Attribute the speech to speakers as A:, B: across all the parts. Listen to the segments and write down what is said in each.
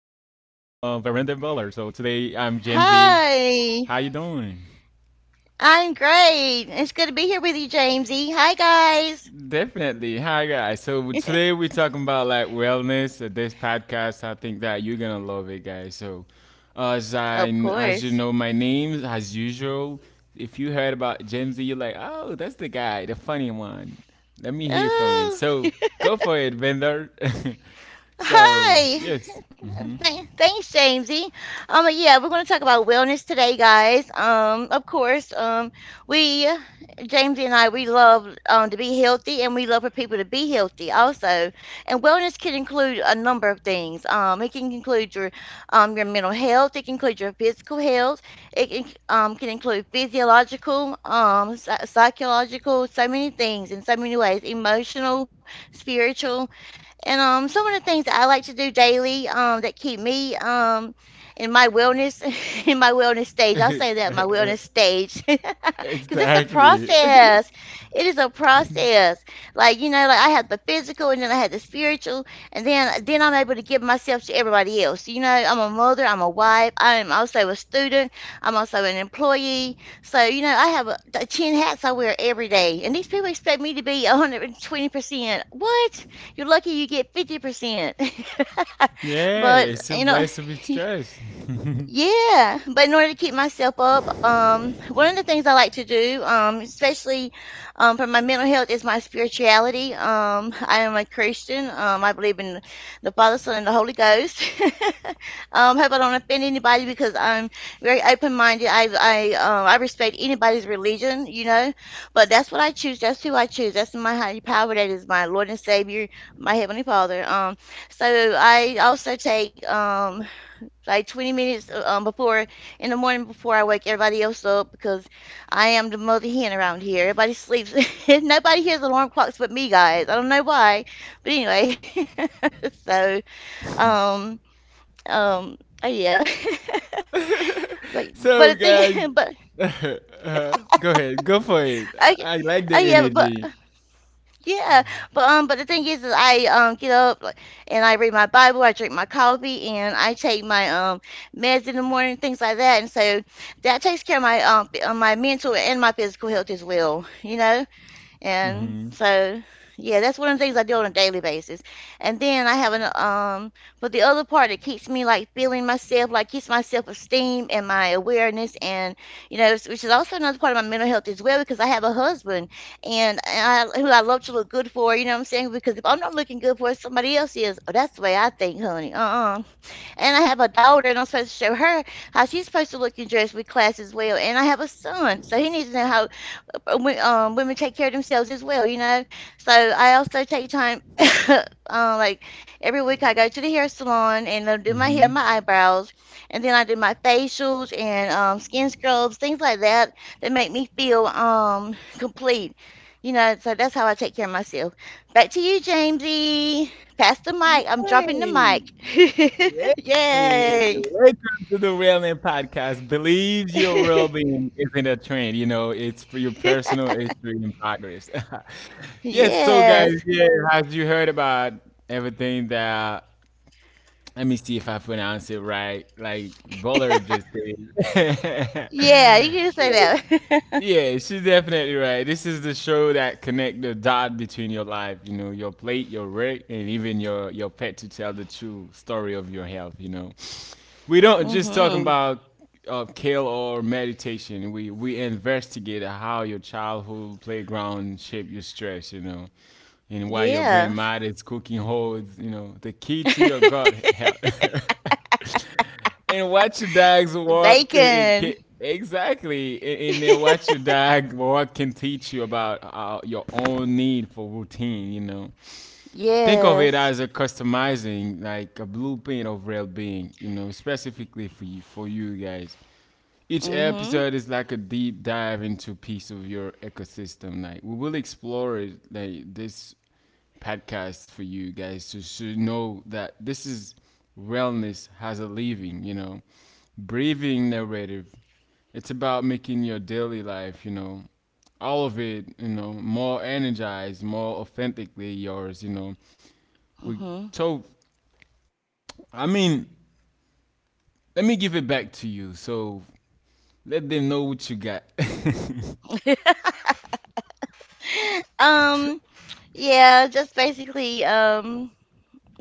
A: Veranda Butler. So today I'm Jamesy.
B: Hi.
A: How you doing?
B: I'm great. It's good to be here with you, Jamesy. Hi, guys.
A: Definitely. Hi, guys. So today we're talking about like wellness. This podcast, I think that you're gonna love it, guys. So as I
B: Of
A: as you
B: course.
A: know, my name as usual. If you heard about Jamesy, you're like, oh, that's the guy, the funny one. Let me hear from it.
B: Oh,
A: So go for it, vendor. So,
B: hi.
A: yes. Mm-hmm.
B: Thanks, Jamesy. Yeah, we're going to talk about wellness today, guys. Of course, we, Jamesy and I, we love to be healthy, and we love for people to be healthy also. And wellness can include a number of things. It can include your mental health. It can include your physical health. It can include physiological, psychological, so many things in so many ways, emotional, spiritual. And some of the things that I like to do daily that keep me in my wellness, in my wellness stage, I'll say that, my wellness stage, because it's a
A: Exactly.
B: process. It is a process. Like you know, like I have the physical, and then I have the spiritual, and then I'm able to give myself to everybody else. You know, I'm a mother, I'm a wife, I am also a student, I'm also an employee. So you know, I have the ten hats I wear every day, and these people expect me to be 120%. What? You're lucky you get 50%. But,
A: Yes, you
B: you know,
A: bless with stress.
B: yeah, but in order to keep myself up, one of the things I like to do, especially for my mental health, is my spirituality. I am a Christian. I believe in the Father, Son, and the Holy Ghost. Hope I don't offend anybody because I'm very open-minded. I respect anybody's religion, you know. But that's what I choose. That's who I choose. That's my higher power. That is my Lord and Savior, my Heavenly Father. So I also take like 20 minutes before in the morning before I wake everybody else up because I am the mother hen around here. Everybody sleeps. Nobody hears alarm clocks but me, guys. I don't know why, but anyway. so um um uh, yeah, but but
A: So,
B: the
A: guys,
B: thing but
A: uh, go ahead, go for it.
B: I
A: I like the
B: yeah but
A: energy.
B: Yeah, but the thing is I get up like, and I read my Bible, I drink my coffee, and I take my meds in the morning, things like that, and so that takes care of my my mental and my physical health as well, you know. And
A: Hmm.
B: so, yeah, that's one of the things I do on a daily basis. And then I have an but the other part that keeps me like feeling myself, like keeps my self-esteem and my awareness, and you know, which is also another part of my mental health as well, because I have a husband and I, who I love to look good for. You know what I'm saying? Because if I'm not looking good for it, somebody else is. Oh, that's the way I think, honey. Uh-uh. And I have a daughter, and I'm supposed to show her how she's supposed to look and dress with class as well. And I have a son, so he needs to know how women take care of themselves as well, you know. So I also take time, like every week I go to the hair salon and I do my hair, and
A: Hmm.
B: my eyebrows, and then I do my facials and skin scrubs, things like that that make me feel complete, you know. So that's how I take care of myself. Back to you, Jamesy. Pass the mic. I'm
A: Hey,
B: dropping the
A: hey.
B: mic. Yay!
A: Welcome to the Wellness Podcast. Believe your well-being isn't a trend. You know, it's for your personal history and progress. Yes. So, guys,
B: Yes.
A: yeah, as you heard about everything that let me see if I pronounce it right. Like Buller just did.
B: Yeah, you can say that.
A: Yeah, she's definitely right. This is the show that connect the dot between your life, you know, your plate, your work, and even your pet to tell the true story of your health. You know, we don't just talk
B: Mm-hmm.
A: about kale or meditation. We investigate how your childhood playground shaped your stress. You know, and why your
B: Yes.
A: grandma is cooking holds. You know, the key to your, and watch your dogs walk.
B: Bacon.
A: Exactly, and then watch your dog walk can teach you about your own need for routine. You know, think of it
B: Yes.
A: as a customizing, like a blueprint of well-being. You know, specifically for you guys. Each
B: Mm-hmm.
A: episode is like a deep dive into piece of your ecosystem. Like we will explore it, like this podcast for you guys to know that this is wellness has a living, you know, breathing narrative. It's about making your daily life, you know, all of it, you know, more energized, more authentically yours, you know. We so I mean, let me give it back to you. So let them know what you got.
B: Mm-hmm. Um, yeah, just basically,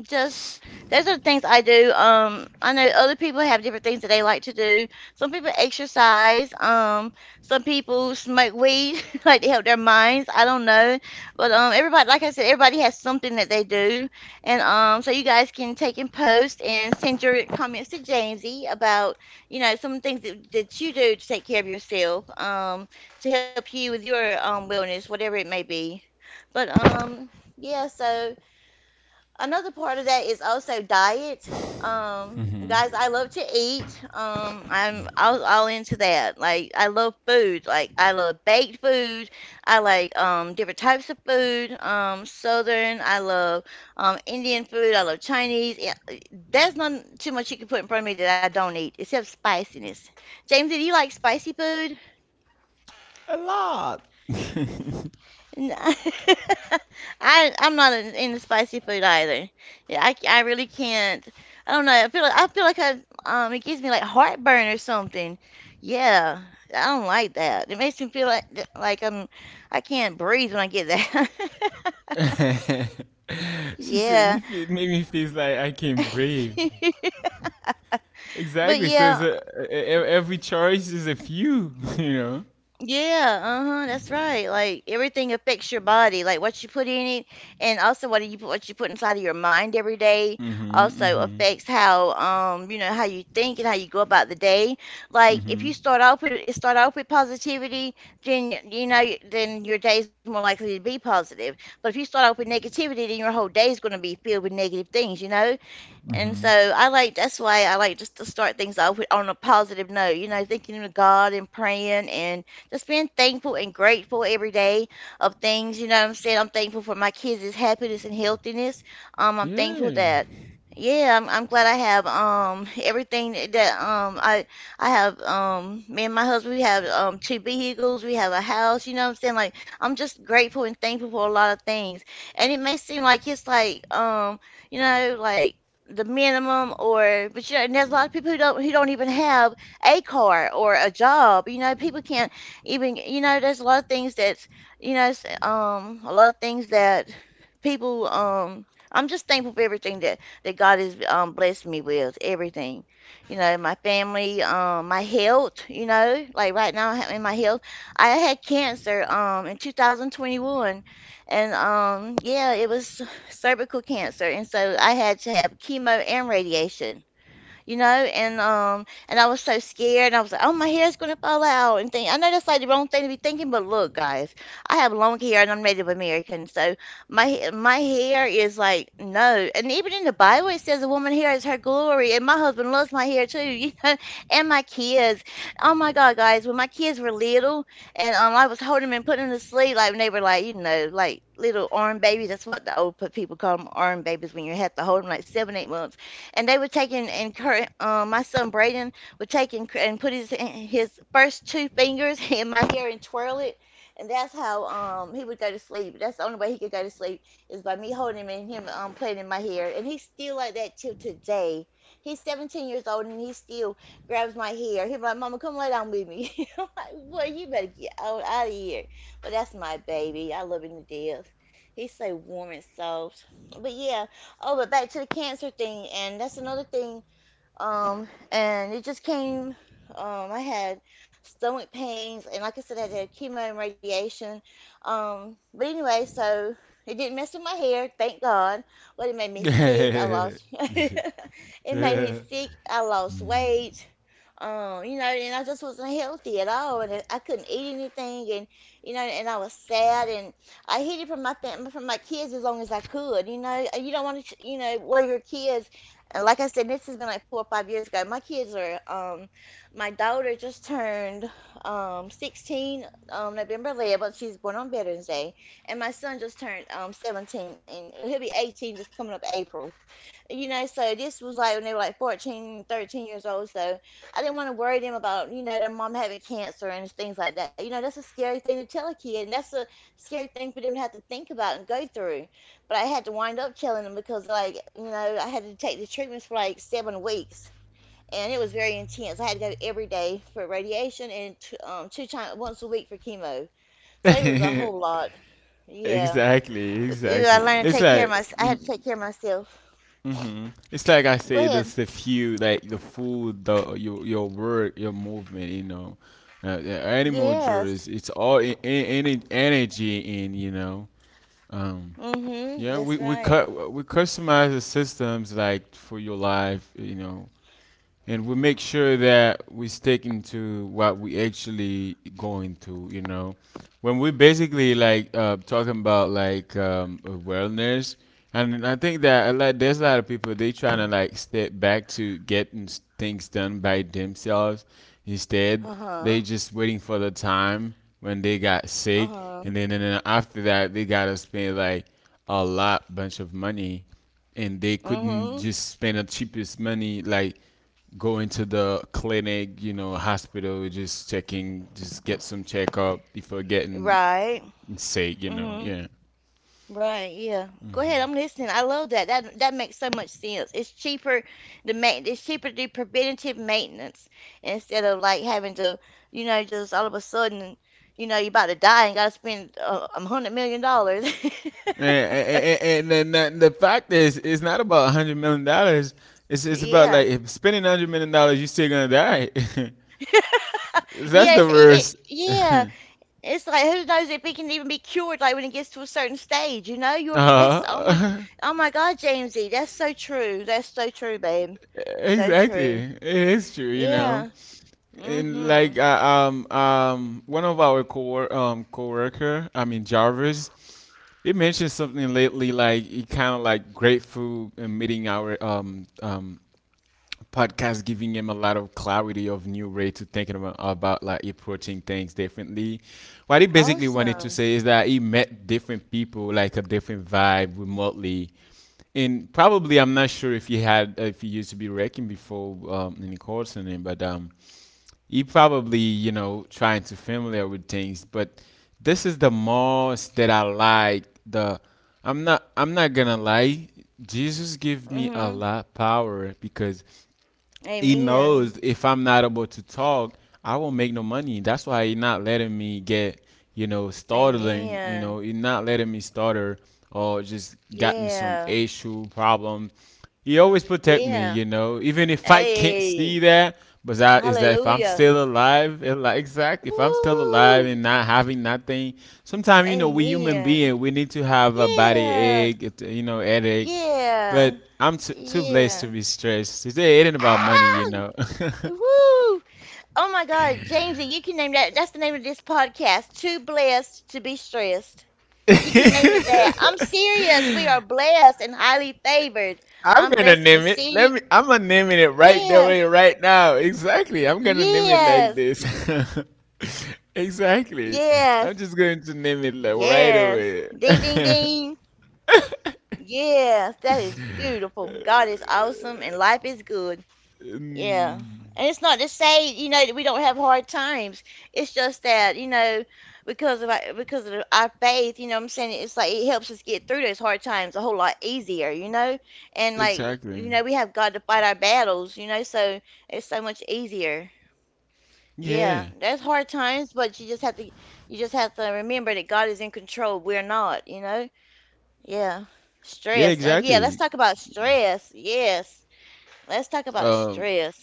B: just those are the things I do. I know other people have different things that they like to do. Some people exercise. Some people smoke weed, like to help their minds. I don't know, but everybody, like I said, everybody has something that they do, and so you guys can take and post and send your comments to Jamesy about you know some things that you do to take care of yourself, to help you with your wellness, whatever it may be. But yeah, so another part of that is also diet. Guys, I love to eat. I'm all into that. Like, I love food. Like, I love baked food. I like different types of food. Southern. I love Indian food. I love Chinese. Yeah, there's not too much you can put in front of me that I don't eat, except spiciness. James, do you like spicy food?
A: A lot.
B: N- I'm not into spicy food either. Yeah, I really can't. I don't know. I feel like I it gives me like heartburn or something. Yeah, I don't like that. It makes me feel like I'm I can't breathe when I get that.
A: She said
B: Yeah.
A: it made me feel like I can breathe.
B: But
A: Exactly. So it's
B: yeah,
A: every choice is a few, you know.
B: yeah, uh-huh, that's right. Like everything affects your body, like what you put in it, and also what you put inside of your mind every day also
A: Hmm.
B: affects how you know how you think and how you go about the day.
A: Hmm.
B: Like if you
A: Hmm.
B: start off with positivity, you know then your day's more likely to be positive. But if you start off with negativity, then your whole day is going to be filled with negative things, you know? And so
A: Hmm.
B: I like that's why I like just to start things off with, on a positive note, you know, thinking to God and praying and just being thankful and grateful every day of things. You know what I'm saying? I'm thankful for my kids' happiness and healthiness. I'm thankful
A: Yeah.
B: that yeah, I'm glad I have everything that I have me and my husband, we have 2 vehicles, we have a house, you know what I'm saying? Like I'm just grateful and thankful for a lot of things. And it may seem like it's like you know, like the minimum or but you know, and there's a lot of people who don't even have a car or a job, you know, people can't even, you know, there's a lot of things that's you know a lot of things that people I'm just thankful for everything that God has blessed me with everything, you know, my family my health, you know, like right now in my health, I had cancer in 2021, and yeah, it was cervical cancer. And so I had to have chemo and radiation, you know, and I was so scared, and I was like, oh, my hair's gonna fall out, and thing I know that's like the wrong thing to be thinking, but look guys, I have long hair and I'm Native American, so my hair is like no. And even in the Bible it says a woman's hair is her glory, and my husband loves my hair too, you know, and my kids. Oh my god guys, when my kids were little, and I was holding them and putting them to sleep, like when they were like, you know, like little arm babies, that's what the old people call them, arm babies, when you have to hold them like 7, 8 months, and they were my son Braden would take and put his first two fingers in my hair and twirl it, and that's how he would go to sleep. That's the only way he could go to sleep is by me holding him and him playing in my hair, and he's still like that till today. He's 17 years old and he still grabs my hair. He's like, "Mama, come lay down with me." I'm like, "Boy, you better get out of here." But that's my baby. I love him to death. He's so warm and soft. But yeah, oh, but back to the cancer thing, and that's another thing and it just came. I had stomach pains, and like I said, I had to have chemo and radiation. But anyway, so it didn't mess with my hair, thank God. But it made me sick. I lost. it made me sick. I lost weight. You know, and I just wasn't healthy at all, and I couldn't eat anything, and you know, and I was sad, and I hid it from from my kids as long as I could. You know, you don't want to, worry your kids. And like I said, this has been like 4 or 5 years ago. My kids are, my daughter just turned 16 November 11th. She's born on Veterans Day. And my son just turned 17, and he'll be 18 just coming up April, you know, so this was like when they were like 14, 13 years old. So I didn't want to worry them about, you know, their mom having cancer and things like that. You know, that's a scary thing to tell a kid, and that's a scary thing for them to have to think about and go through. But I had to wind up telling them because, like, you know, I had to take the treatments for like 7 weeks, and it was very intense. I had to go every day for radiation and two times once a week for chemo. So it was a whole lot. Yeah.
A: Exactly.
B: Yeah, I
A: Exactly.
B: learned to
A: It's
B: take care
A: like.
B: of my. I had to
A: Mm,
B: take care of myself.
A: hmm. It's like I
B: Go
A: say,
B: ahead.
A: there's a few like the food, the your work, your movement. You know, the animal
B: Yes.
A: juries. It's all in energy, in you know. Um,
B: Mm-hmm. That's
A: yeah, we
B: right.
A: we cut we customize the systems like for your life. You know, and we make sure that we stick into what we actually going to, you know, when we basically like talking about like wellness. And I think that a lot there's a lot of people they trying to like step back to getting things done by themselves, instead
B: Uh-huh.
A: they just waiting for the time when they got
B: Uh-huh.
A: sick, and then after that they gotta spend like a lot bunch of money, and they
B: Mm-hmm.
A: couldn't just spend the cheapest money like going to the clinic, you know, hospital, just checking, just get some checkup before getting
B: Right.
A: sick, you know.
B: Mm-hmm.
A: Yeah.
B: Right. Yeah. Go ahead. I'm listening. I love that. That that makes so much sense. It's cheaper to do preventative maintenance instead of like having to, you know, just all of a sudden, you know, you're about to die and gotta spend $100 million.
A: And then the fact is, it's not about $100 million. It's about like
B: Yeah.
A: if spending $100 million, you still gonna die. That's the
B: Yes,
A: worst.
B: yeah, it's like who knows if he can even be cured like when it gets to a certain stage, you know? You're that's oh
A: Uh,
B: my, oh my God, Jamesy, that's so true. That's so true, babe. So true.
A: exactly. It's true, you know.
B: Yeah.
A: And
B: Mm-hmm.
A: like one of our co coworker, I mean Jarvis, you mentioned something lately, like he kind of like grateful meeting our podcast, giving him a lot of clarity of new way to thinking about like approaching things differently. What he basically wanted to
B: Awesome.
A: say is that he met different people, like a different vibe remotely. And probably, I'm not sure if if he used to be wrecking before in the call center, but he probably you know trying to familiar with things, but this is the most that I like the I'm not gonna lie. Jesus gave me a
B: Mm-hmm.
A: lot power because he
B: Amen.
A: knows if I'm not able to talk, I won't make no money. That's why he not letting me get, you know, startling, you
B: Amen.
A: know, he not letting me starter or just gotten some
B: Yeah.
A: issue problem. He always protect me,
B: Yeah.
A: you know, even if I can't see
B: Hey.
A: that, but that is that if I'm
B: Hallelujah.
A: still alive, and like exact, if I'm still alive
B: Woo.
A: and not having nothing, sometimes you know we human
B: Amen.
A: being, we need to have a body
B: Yeah.
A: ache, you know, headache. But
B: Yeah.
A: I'm too blessed to
B: Yeah.
A: be stressed. It ain't about money,
B: Ah!
A: you know.
B: Woo! Oh my God, Jamesy, you can name that. That's the name of this podcast. Too blessed to be stressed. You can name it that. I'm serious. We are blessed and highly favored.
A: I'm
B: I'm
A: gonna
B: blessed in
A: name
B: the
A: it. Let
B: city.
A: me. I'm gonna name it right there,
B: Yeah.
A: way right now. Exactly. I'm gonna name it like
B: Yes.
A: this.
B: Yes.
A: Exactly. I'm just
B: Yes.
A: going to
B: Ding,
A: name
B: ding,
A: it like
B: ding.
A: right away.
B: Yes. That is beautiful. God is awesome and life is good. Yeah. And it's not to
A: Mm,
B: say, you know, that we don't have hard times. It's just that, you know, because of our faith, you know what I'm saying? It's like it helps us get through those hard times a whole lot easier, you know? And like, you know, we have
A: exactly.
B: God to fight our battles, you know, so it's so much easier. Yeah, there's
A: Yeah.
B: hard times, but you just have to, you just have to remember that God is in control. We're not, you know? Yeah. Stress.
A: Yeah.
B: Yeah, let's
A: Exactly.
B: talk about stress. Yes. Let's talk about
A: Um.
B: stress.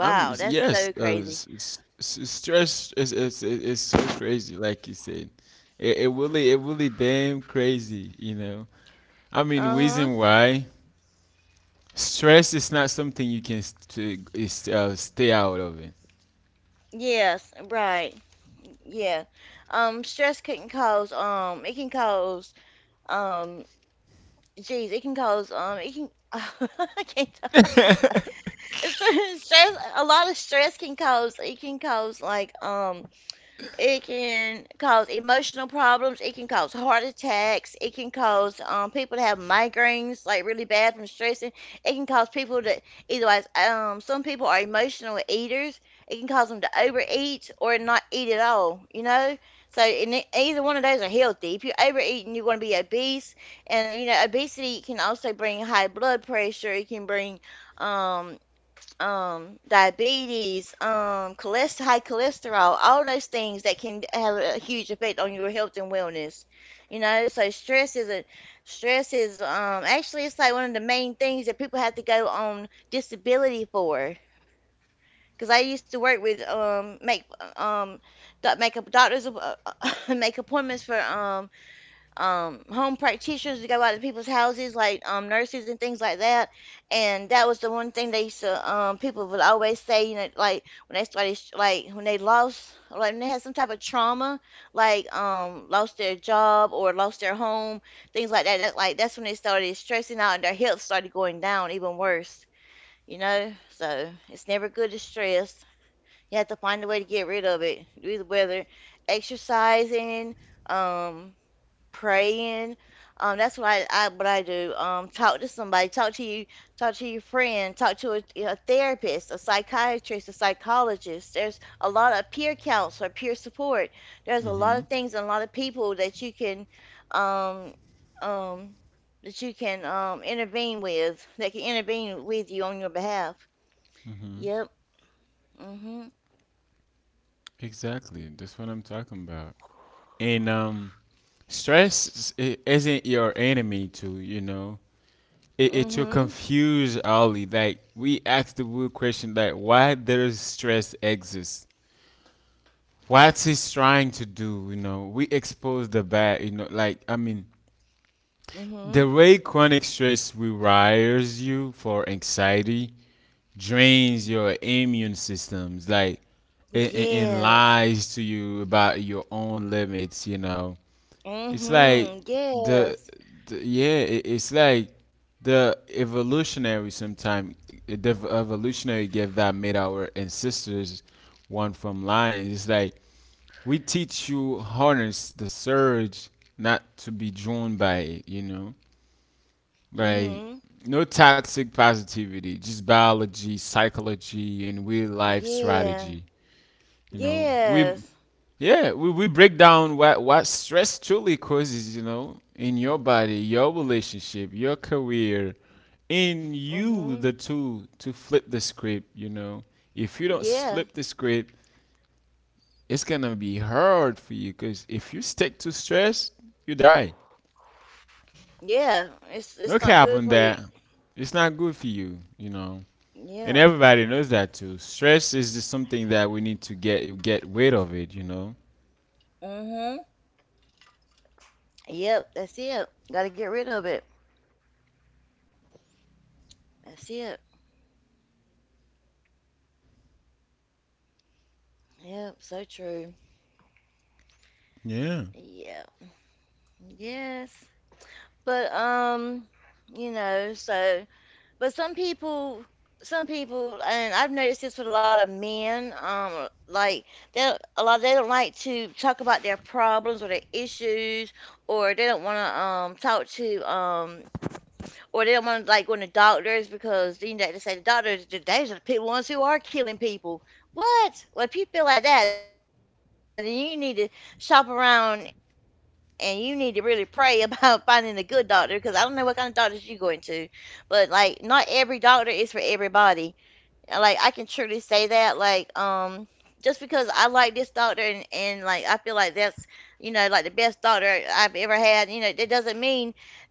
A: I'm
B: that's
A: yes.
B: so crazy.
A: Stress is so crazy, like you said. It really damn crazy, you know. I mean,
B: Uh-huh.
A: reason why stress is not something you can stay out of it.
B: Yes, right. Yeah. Stress can cause it can cause um geez, it can cause it can I can't talk. Stress, stress a lot of stress can cause like it can cause emotional problems. It can cause heart attacks. It can cause people to have migraines, like really bad from stressing. It can cause people to, either way, some people are emotional eaters. It can cause them to overeat or not eat at all, you know? So, and it- either one of those are healthy. If you're overeating, you're going to be obese. And, you know, obesity can also bring high blood pressure. It can bring um, diabetes, cholest- high cholesterol, all those things that can have a huge effect on your health and wellness. You know, so stress is actually it's like one of the main things that people have to go on disability for. Because I used to work with um make up doctors make appointments for home practitioners to go out to people's houses, like nurses and things like that. And that was the one thing they used to, people would always say, you know, like when they started, like when they lost, like when they had some type of trauma, like lost their job or lost their home, things like that. That like that's when they started stressing out and their health started going down even worse. You know, so it's never good to stress. You have to find a way to get rid of it. Whether exercising, um, praying. That's what I what I do. Talk to somebody, talk to you, talk to your friend, talk to a therapist, a psychiatrist, a psychologist. There's a lot of peer counsel, peer support. There's a lot
A: Hmm.
B: of things and a lot of people um, um, that you can intervene with, that can intervene with you on your behalf. Yep. Mhm.
A: Exactly, that's what I'm talking about. And stress isn't your enemy, too. You know, it to
B: Mhm.
A: confuse Ali. Like we asked the real question, like why does stress exist? What he's trying to do, you know, we expose the bad, you know, like, I mean,
B: Mhm.
A: the way chronic stress rewires you for anxiety drains your immune systems, like, and
B: Yes.
A: lies to you about your own limits, you know. It's
B: Mhm.
A: like the,
B: Yes.
A: the yeah, it's like the evolutionary sometime the evolutionary gift that made our ancestors one from lions. It's like we teach you harness the surge, not to be drawn by it. You know, like
B: Mhm.
A: no toxic positivity, just biology, psychology, and real life strategy.
B: Yeah.
A: You know, we
B: Yes.
A: yeah, we break down what stress truly causes. You know, in your body, your relationship, your career, in you the
B: Mhm.
A: tool to flip the script. You know, if you don't flip
B: Yeah.
A: the script, it's gonna be hard for you because if you stick to stress, you die.
B: Yeah. It's
A: No
B: it's not
A: cap on
B: good for you.
A: that. It's not good for you, you know. And
B: Yeah.
A: everybody knows that too. Stress is just something that we need to get rid of it, you know.
B: Mhm. Yep. That's it. Got to get rid of it. That's it. Yep. So true.
A: Yeah.
B: Yeah. Yes. But you know, so but some people, and I've noticed this with a lot of men. Like they don't- a lot they don't like to talk about their problems or their issues, or they don't want to talk to or they don't want to like go to doctors because you know they just say the doctors they're the people ones who are killing people. What? Well, if you feel like that, then you need to shop around and you need to really pray about finding a good doctor because I don't know what kind of doctors you going to, but like not every doctor is for everybody. Like I can truly say that, like, just because I like this doctor and, like I feel like that's, you know, like the best doctor I've ever had, you know, that doesn't mean that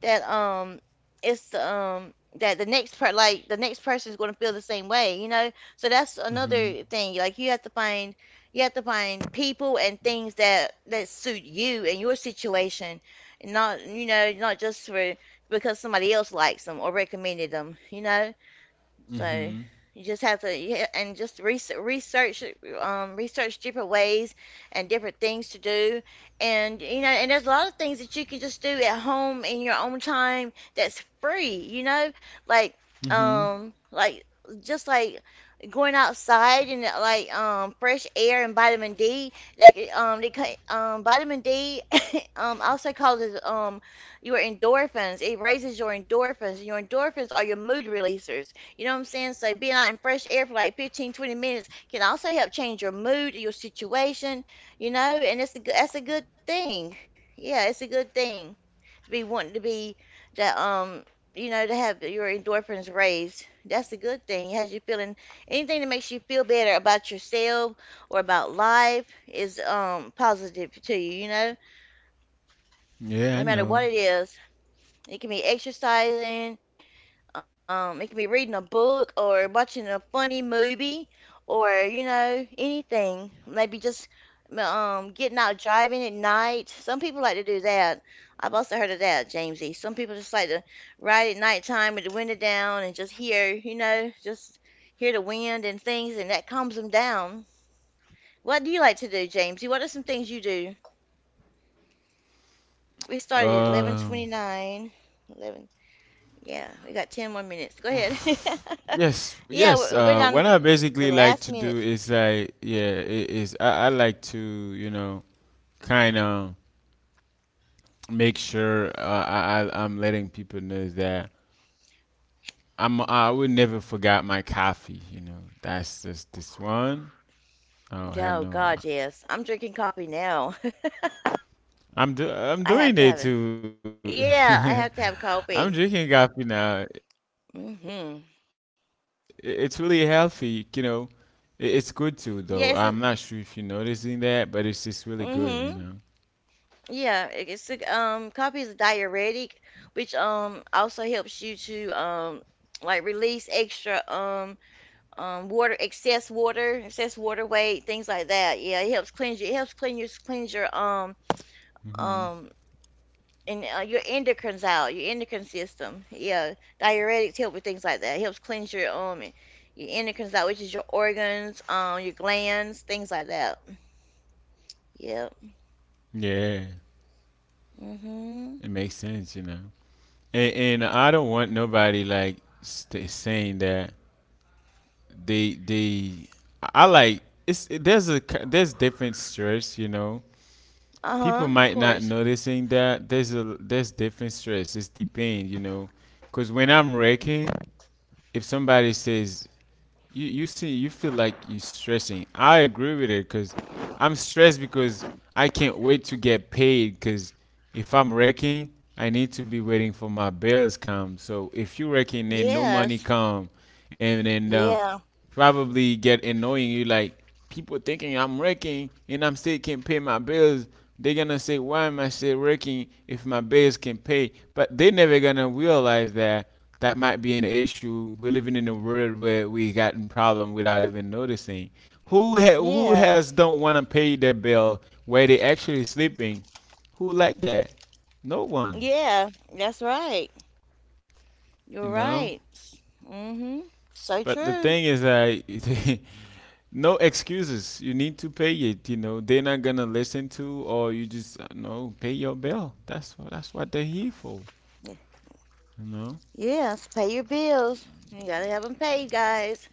B: it's that the next person is going to feel the same way, you know? So that's another thing, like you have to find, you have to find people and things that that suit you and your situation, and not, you know, not just for, because somebody else likes them or recommended them, you know? So you just have to, yeah, and just research research different ways and different things to do, and you know, and there's a lot of things that you can just do at home in your own time that's free, you know, like
A: Hmm.
B: um like just like going outside and fresh air and vitamin D. that c- they ca- Vitamin D also causes your endorphins. It raises your endorphins. Your endorphins are your mood releasers, you know what I'm saying? So being out in fresh air for like 15, 20 minutes can also help change your mood, your situation, you know, and it's a good, that's a good thing. Yeah, it's a good thing to be wanting to be, that you know, to have your endorphins raised. That's a good thing. It has you feeling anything that makes you feel better about yourself or about life is positive to you, you know? No
A: Yeah, I
B: matter what it
A: know.
B: is. It can be exercising, it can be reading a book or watching a funny movie or, you know, anything. Maybe just getting out driving at night. Some people like to do that. I've also heard of that, Jamesy. Some people just like to ride at nighttime with the window down and just hear, you know, just hear the wind and things, and that calms them down. What do you like to do, Jamesy? What are some things you do? We started at
A: Um.
B: 11:29. Yeah, we got 10 more minutes. Go ahead.
A: Yes,
B: Yeah,
A: yes.
B: we're down
A: What
B: to
A: I
B: the
A: basically like
B: last
A: to do
B: minutes.
A: is like, yeah, I like to, you know, kind of make sure I'm letting people know that I would never forgot my coffee. You know, that's just this one. Oh, I
B: Oh,
A: no.
B: God, yes. I'm drinking coffee now.
A: I'm
B: I have
A: doing
B: to have
A: it
B: it.
A: too.
B: Yeah, I have to have
A: I'm drinking
B: coffee.
A: coffee now. It's really healthy.
B: Hmm
A: You know, it's good too. Though I'm not sure if you're noticing that, but
B: Yeah,
A: it's
B: it's a,
A: just really good. You know.
B: hmm yeah, it- it's a, coffee is a diuretic, which also helps you to like release extra water, excess water weight, things like that. Yeah, it helps cleanse you. It helps cleanse your um and your endocrines out, your endocrine system. Yeah, diuretics help with things like that. Helps cleanse your endocrines out, which is your organs, your glands, things like that. Yep.
A: Yeah, it makes
B: Mhm.
A: sense. You know, and I don't want nobody like saying that they I like it's there's a there's different stress, you know.
B: Uh
A: People
B: huh. Of
A: might not
B: course.
A: noticing that there's different stress. It's depend, you know, because when I'm wrecking, if somebody says you feel like you're stressing, I agree with it because I'm stressed because I can't wait to get paid because if I'm working I need to be waiting for my bills come, so if you're working then no
B: Yes.
A: money come, and then
B: Yeah.
A: probably get annoying you like people thinking I'm working and I'm still can not pay my bills. They're gonna say, why am I still working if my bills can pay? But they're never gonna realize that that might be an issue. We're living in a world where we got in problem without even noticing. Who who
B: Yeah.
A: has don't want to pay their bill where they actually sleeping? Who like that? No one,
B: Yeah. That's right.
A: you
B: You're
A: know.
B: right. Mhm. So
A: But the
B: true.
A: thing is, I no excuses. You need to pay it. You know they're not gonna listen to, or you just no pay your bill. That's what
B: Y-
A: they're here for.
B: Yes.
A: You
B: Pay your
A: know.
B: bills. You gotta have them paid, guys.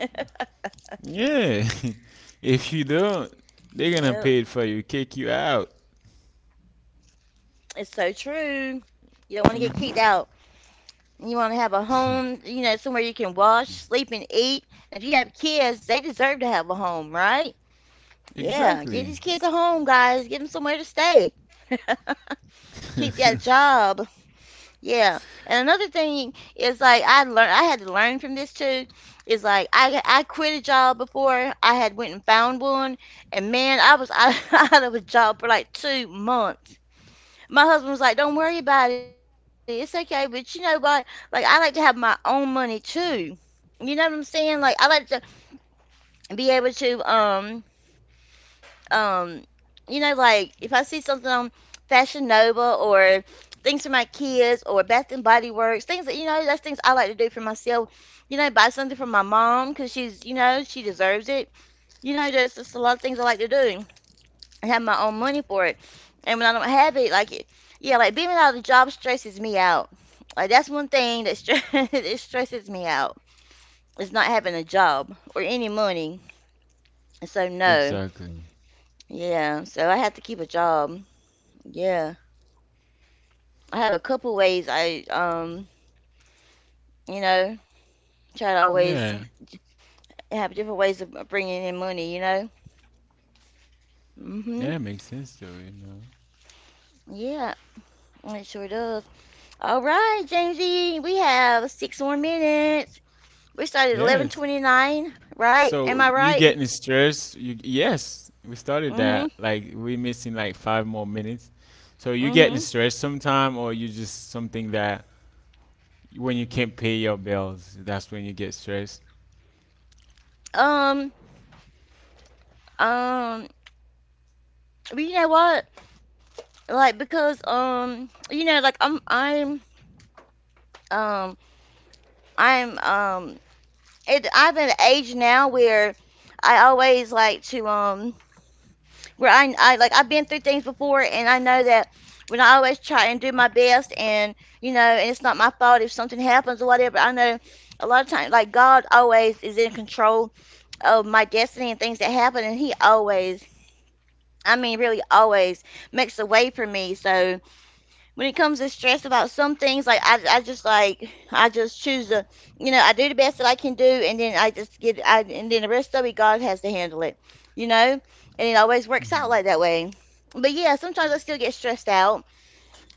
A: Yeah. If you don't,
B: Yep.
A: they're gonna pay it for you, kick you out.
B: It's so true. You don't want to get kicked out, and you want to have a home, you know, somewhere you can wash, sleep, and eat. If you have kids, they deserve to have a home, right? Yeah, give these
A: Exactly.
B: kids a home, guys. Give them somewhere to stay. Keep that job. Yeah. And another thing is like I learned I had to learn from this too. Is like I quit a job before I had went and found one, and man, I was out, out of a job for like two months. My husband was like, "Don't worry about it. It's okay." But you know what? Like I like to have my own money too. You know what I'm saying? Like I like to be able to um you know, like if I see something on Fashion Nova or things for my kids or Bath and Body Works, things that that's things I like to do for myself. You know, buy something for my mom because she's she deserves it. You know, there's just a lot of things I like to do. I have my own money for it. And when I don't have it, like, it, yeah, like being without the job stresses me out. Like, that's one thing that it stresses me out. It's not having a job or any money. So, no.
A: Exactly.
B: Yeah. So, I have to keep a job. Yeah. I have a couple ways I, you know, try to always
A: Yeah.
B: have different ways of bringing in money, hmm.
A: Yeah, it makes sense though. You know.
B: Yeah. It sure does. All right, Jamesy, we have six more minutes. We started
A: Yeah.
B: 11:29, right? Am
A: So
B: I
A: you
B: right?
A: getting stressed? You Yes, we started
B: Mhm.
A: that. Like we missing like 5 more minutes. So you getting
B: Mhm.
A: stressed sometime, or you just something that when you can't pay your bills, that's when you get stressed.
B: Um um but you know what? Like because you know like I'm um I'm it, I'm at an age now where I always like to where I like I've been through things before and I know that when I always try and do my best and you know and it's not my fault if something happens or whatever I know a lot of times like God always is in control of my destiny and things that happen and he always, I mean really always, makes a way for me. So when it comes to stress about some things like I just like I just choose to you know, I do the best that I can do and then I just get I and then the rest of it God has to handle it. You know? And it always works out like that way. But yeah, sometimes I still get stressed out.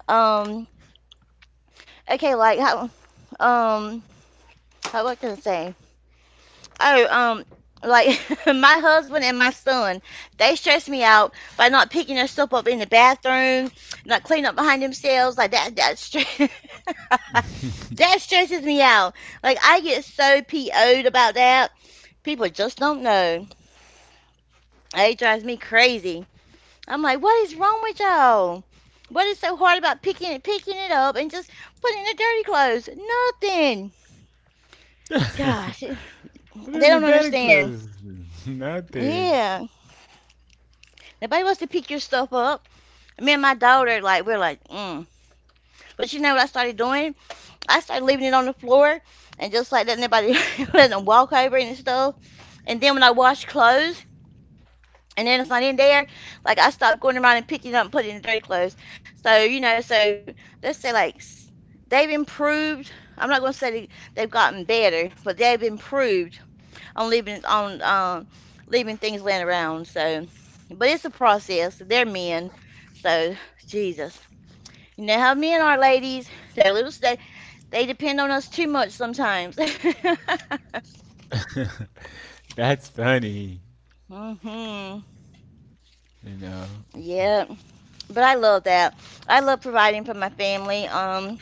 B: Um okay, like how, um how, what can I say? Oh, like my husband and my son, they stress me out by not picking their stuff up in the bathroom, not cleaning up behind themselves. Like that stress, that stresses me out. Like I get so PO'd about that. People just don't know. It drives me crazy. I'm like, what is wrong with y'all? What is so hard about picking it up and just putting it in the dirty clothes? Nothing. Gosh, they
A: But in
B: don't
A: the daddy
B: understand.
A: clothes, nothing.
B: Yeah. Nobody wants to pick your stuff up. Me and my daughter, like, we're like, mm. But you know what I started doing? I started leaving it on the floor and just like letting everybody let them walk over and stuff. And then when I wash clothes and then it's not in there, like I stopped going around and picking it up and putting it in dirty clothes. So, you know, so let's say like s- they've improved. I'm not going to say they, they've gotten better, but they've improved on leaving things laying around. So, but it's a process. They're men, so Jesus. You know how men are, ladies. They're a little, they depend on us too much sometimes.
A: That's funny,
B: hmm.
A: you know.
B: Yeah, but I love that. I love providing for my family.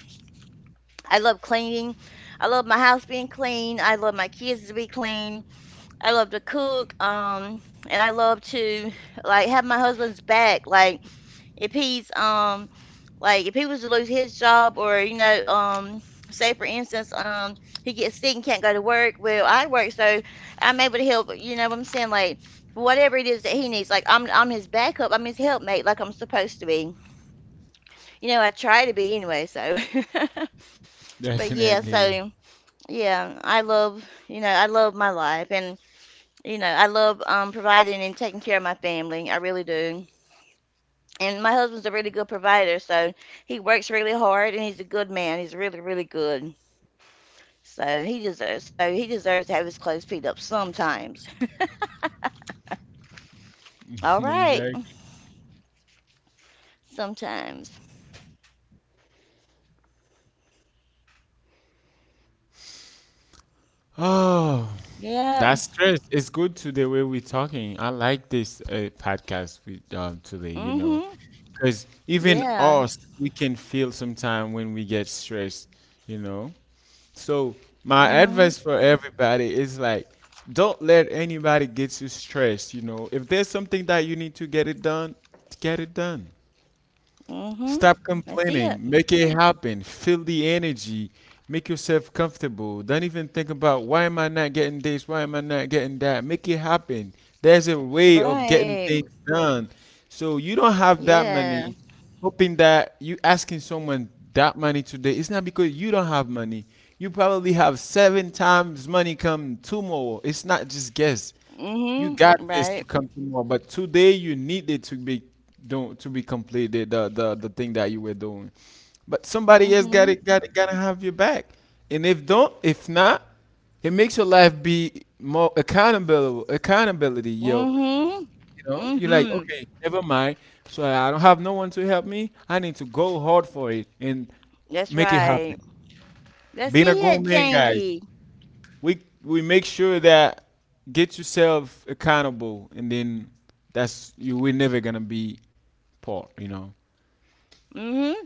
B: I love cleaning. I love my house being clean. I love my kids to be clean. I love to cook, and I love to like have my husband's back. Like if he's like if he was to lose his job or you know say for instance he gets sick and can't go to work. Well, I work so I'm able to help. You know what I'm saying? Like whatever it is that he needs, like I'm his backup. I'm his helpmate, like I'm supposed to be. You know, I try to be anyway. So, but yeah,
A: Definitely,
B: so yeah, I love, you know, I love my life. And, you know, I love, providing and taking care of my family. I really do. And my husband's a really good provider, so he works really hard and he's a good man. He's really, really good. So he deserves to have his clothes peed up sometimes. All right.
A: exactly.
B: Sometimes.
A: Oh,
B: Yeah.
A: that's stress. It's good to the way we're talking. I like this podcast with today, you
B: hmm.
A: know, because even
B: Yeah.
A: us, we can feel sometime when we get stressed, you know. So my
B: Mhm.
A: advice for everybody is like, don't let anybody get you stressed. You know, if there's something that you need to get it done, get it done.
B: hmm.
A: Stop
B: I see
A: complaining.
B: it.
A: Make it happen. Feel the energy. Make yourself comfortable. Don't even think about why am I not getting this? Why am I not getting that? Make it happen. There's a way of
B: Right.
A: getting things done. So you don't have that
B: Yeah.
A: money. Hoping that you asking someone that money today, it's not because you don't have money. You probably have seven times money come tomorrow. It's not just guess
B: hmm.
A: you got this
B: Right.
A: to come tomorrow, but today you need it to be don't to be completed the thing that you were doing. But somebody else got
B: hmm
A: it, gotta have your back. And if not, it makes your life be more accountable. Accountability, yo.
B: hmm
A: You know, you're like,
B: hmm.
A: okay, never mind. So I don't have no one to help me. I need to go hard for it and
B: That's
A: make it happen.
B: right. Let's
A: Being a
B: see
A: good
B: it,
A: man, guys,
B: Jamesy.
A: we make sure that get yourself accountable, and then that's you. We're never gonna be poor, you know.
B: Mm-hmm.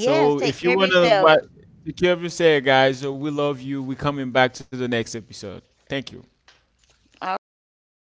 B: Yes, take
A: if you
B: care of
A: wanna like,
B: yourself.
A: take care of yourself, guys. So we love you. We coming back to the next episode. Thank you.
B: All right.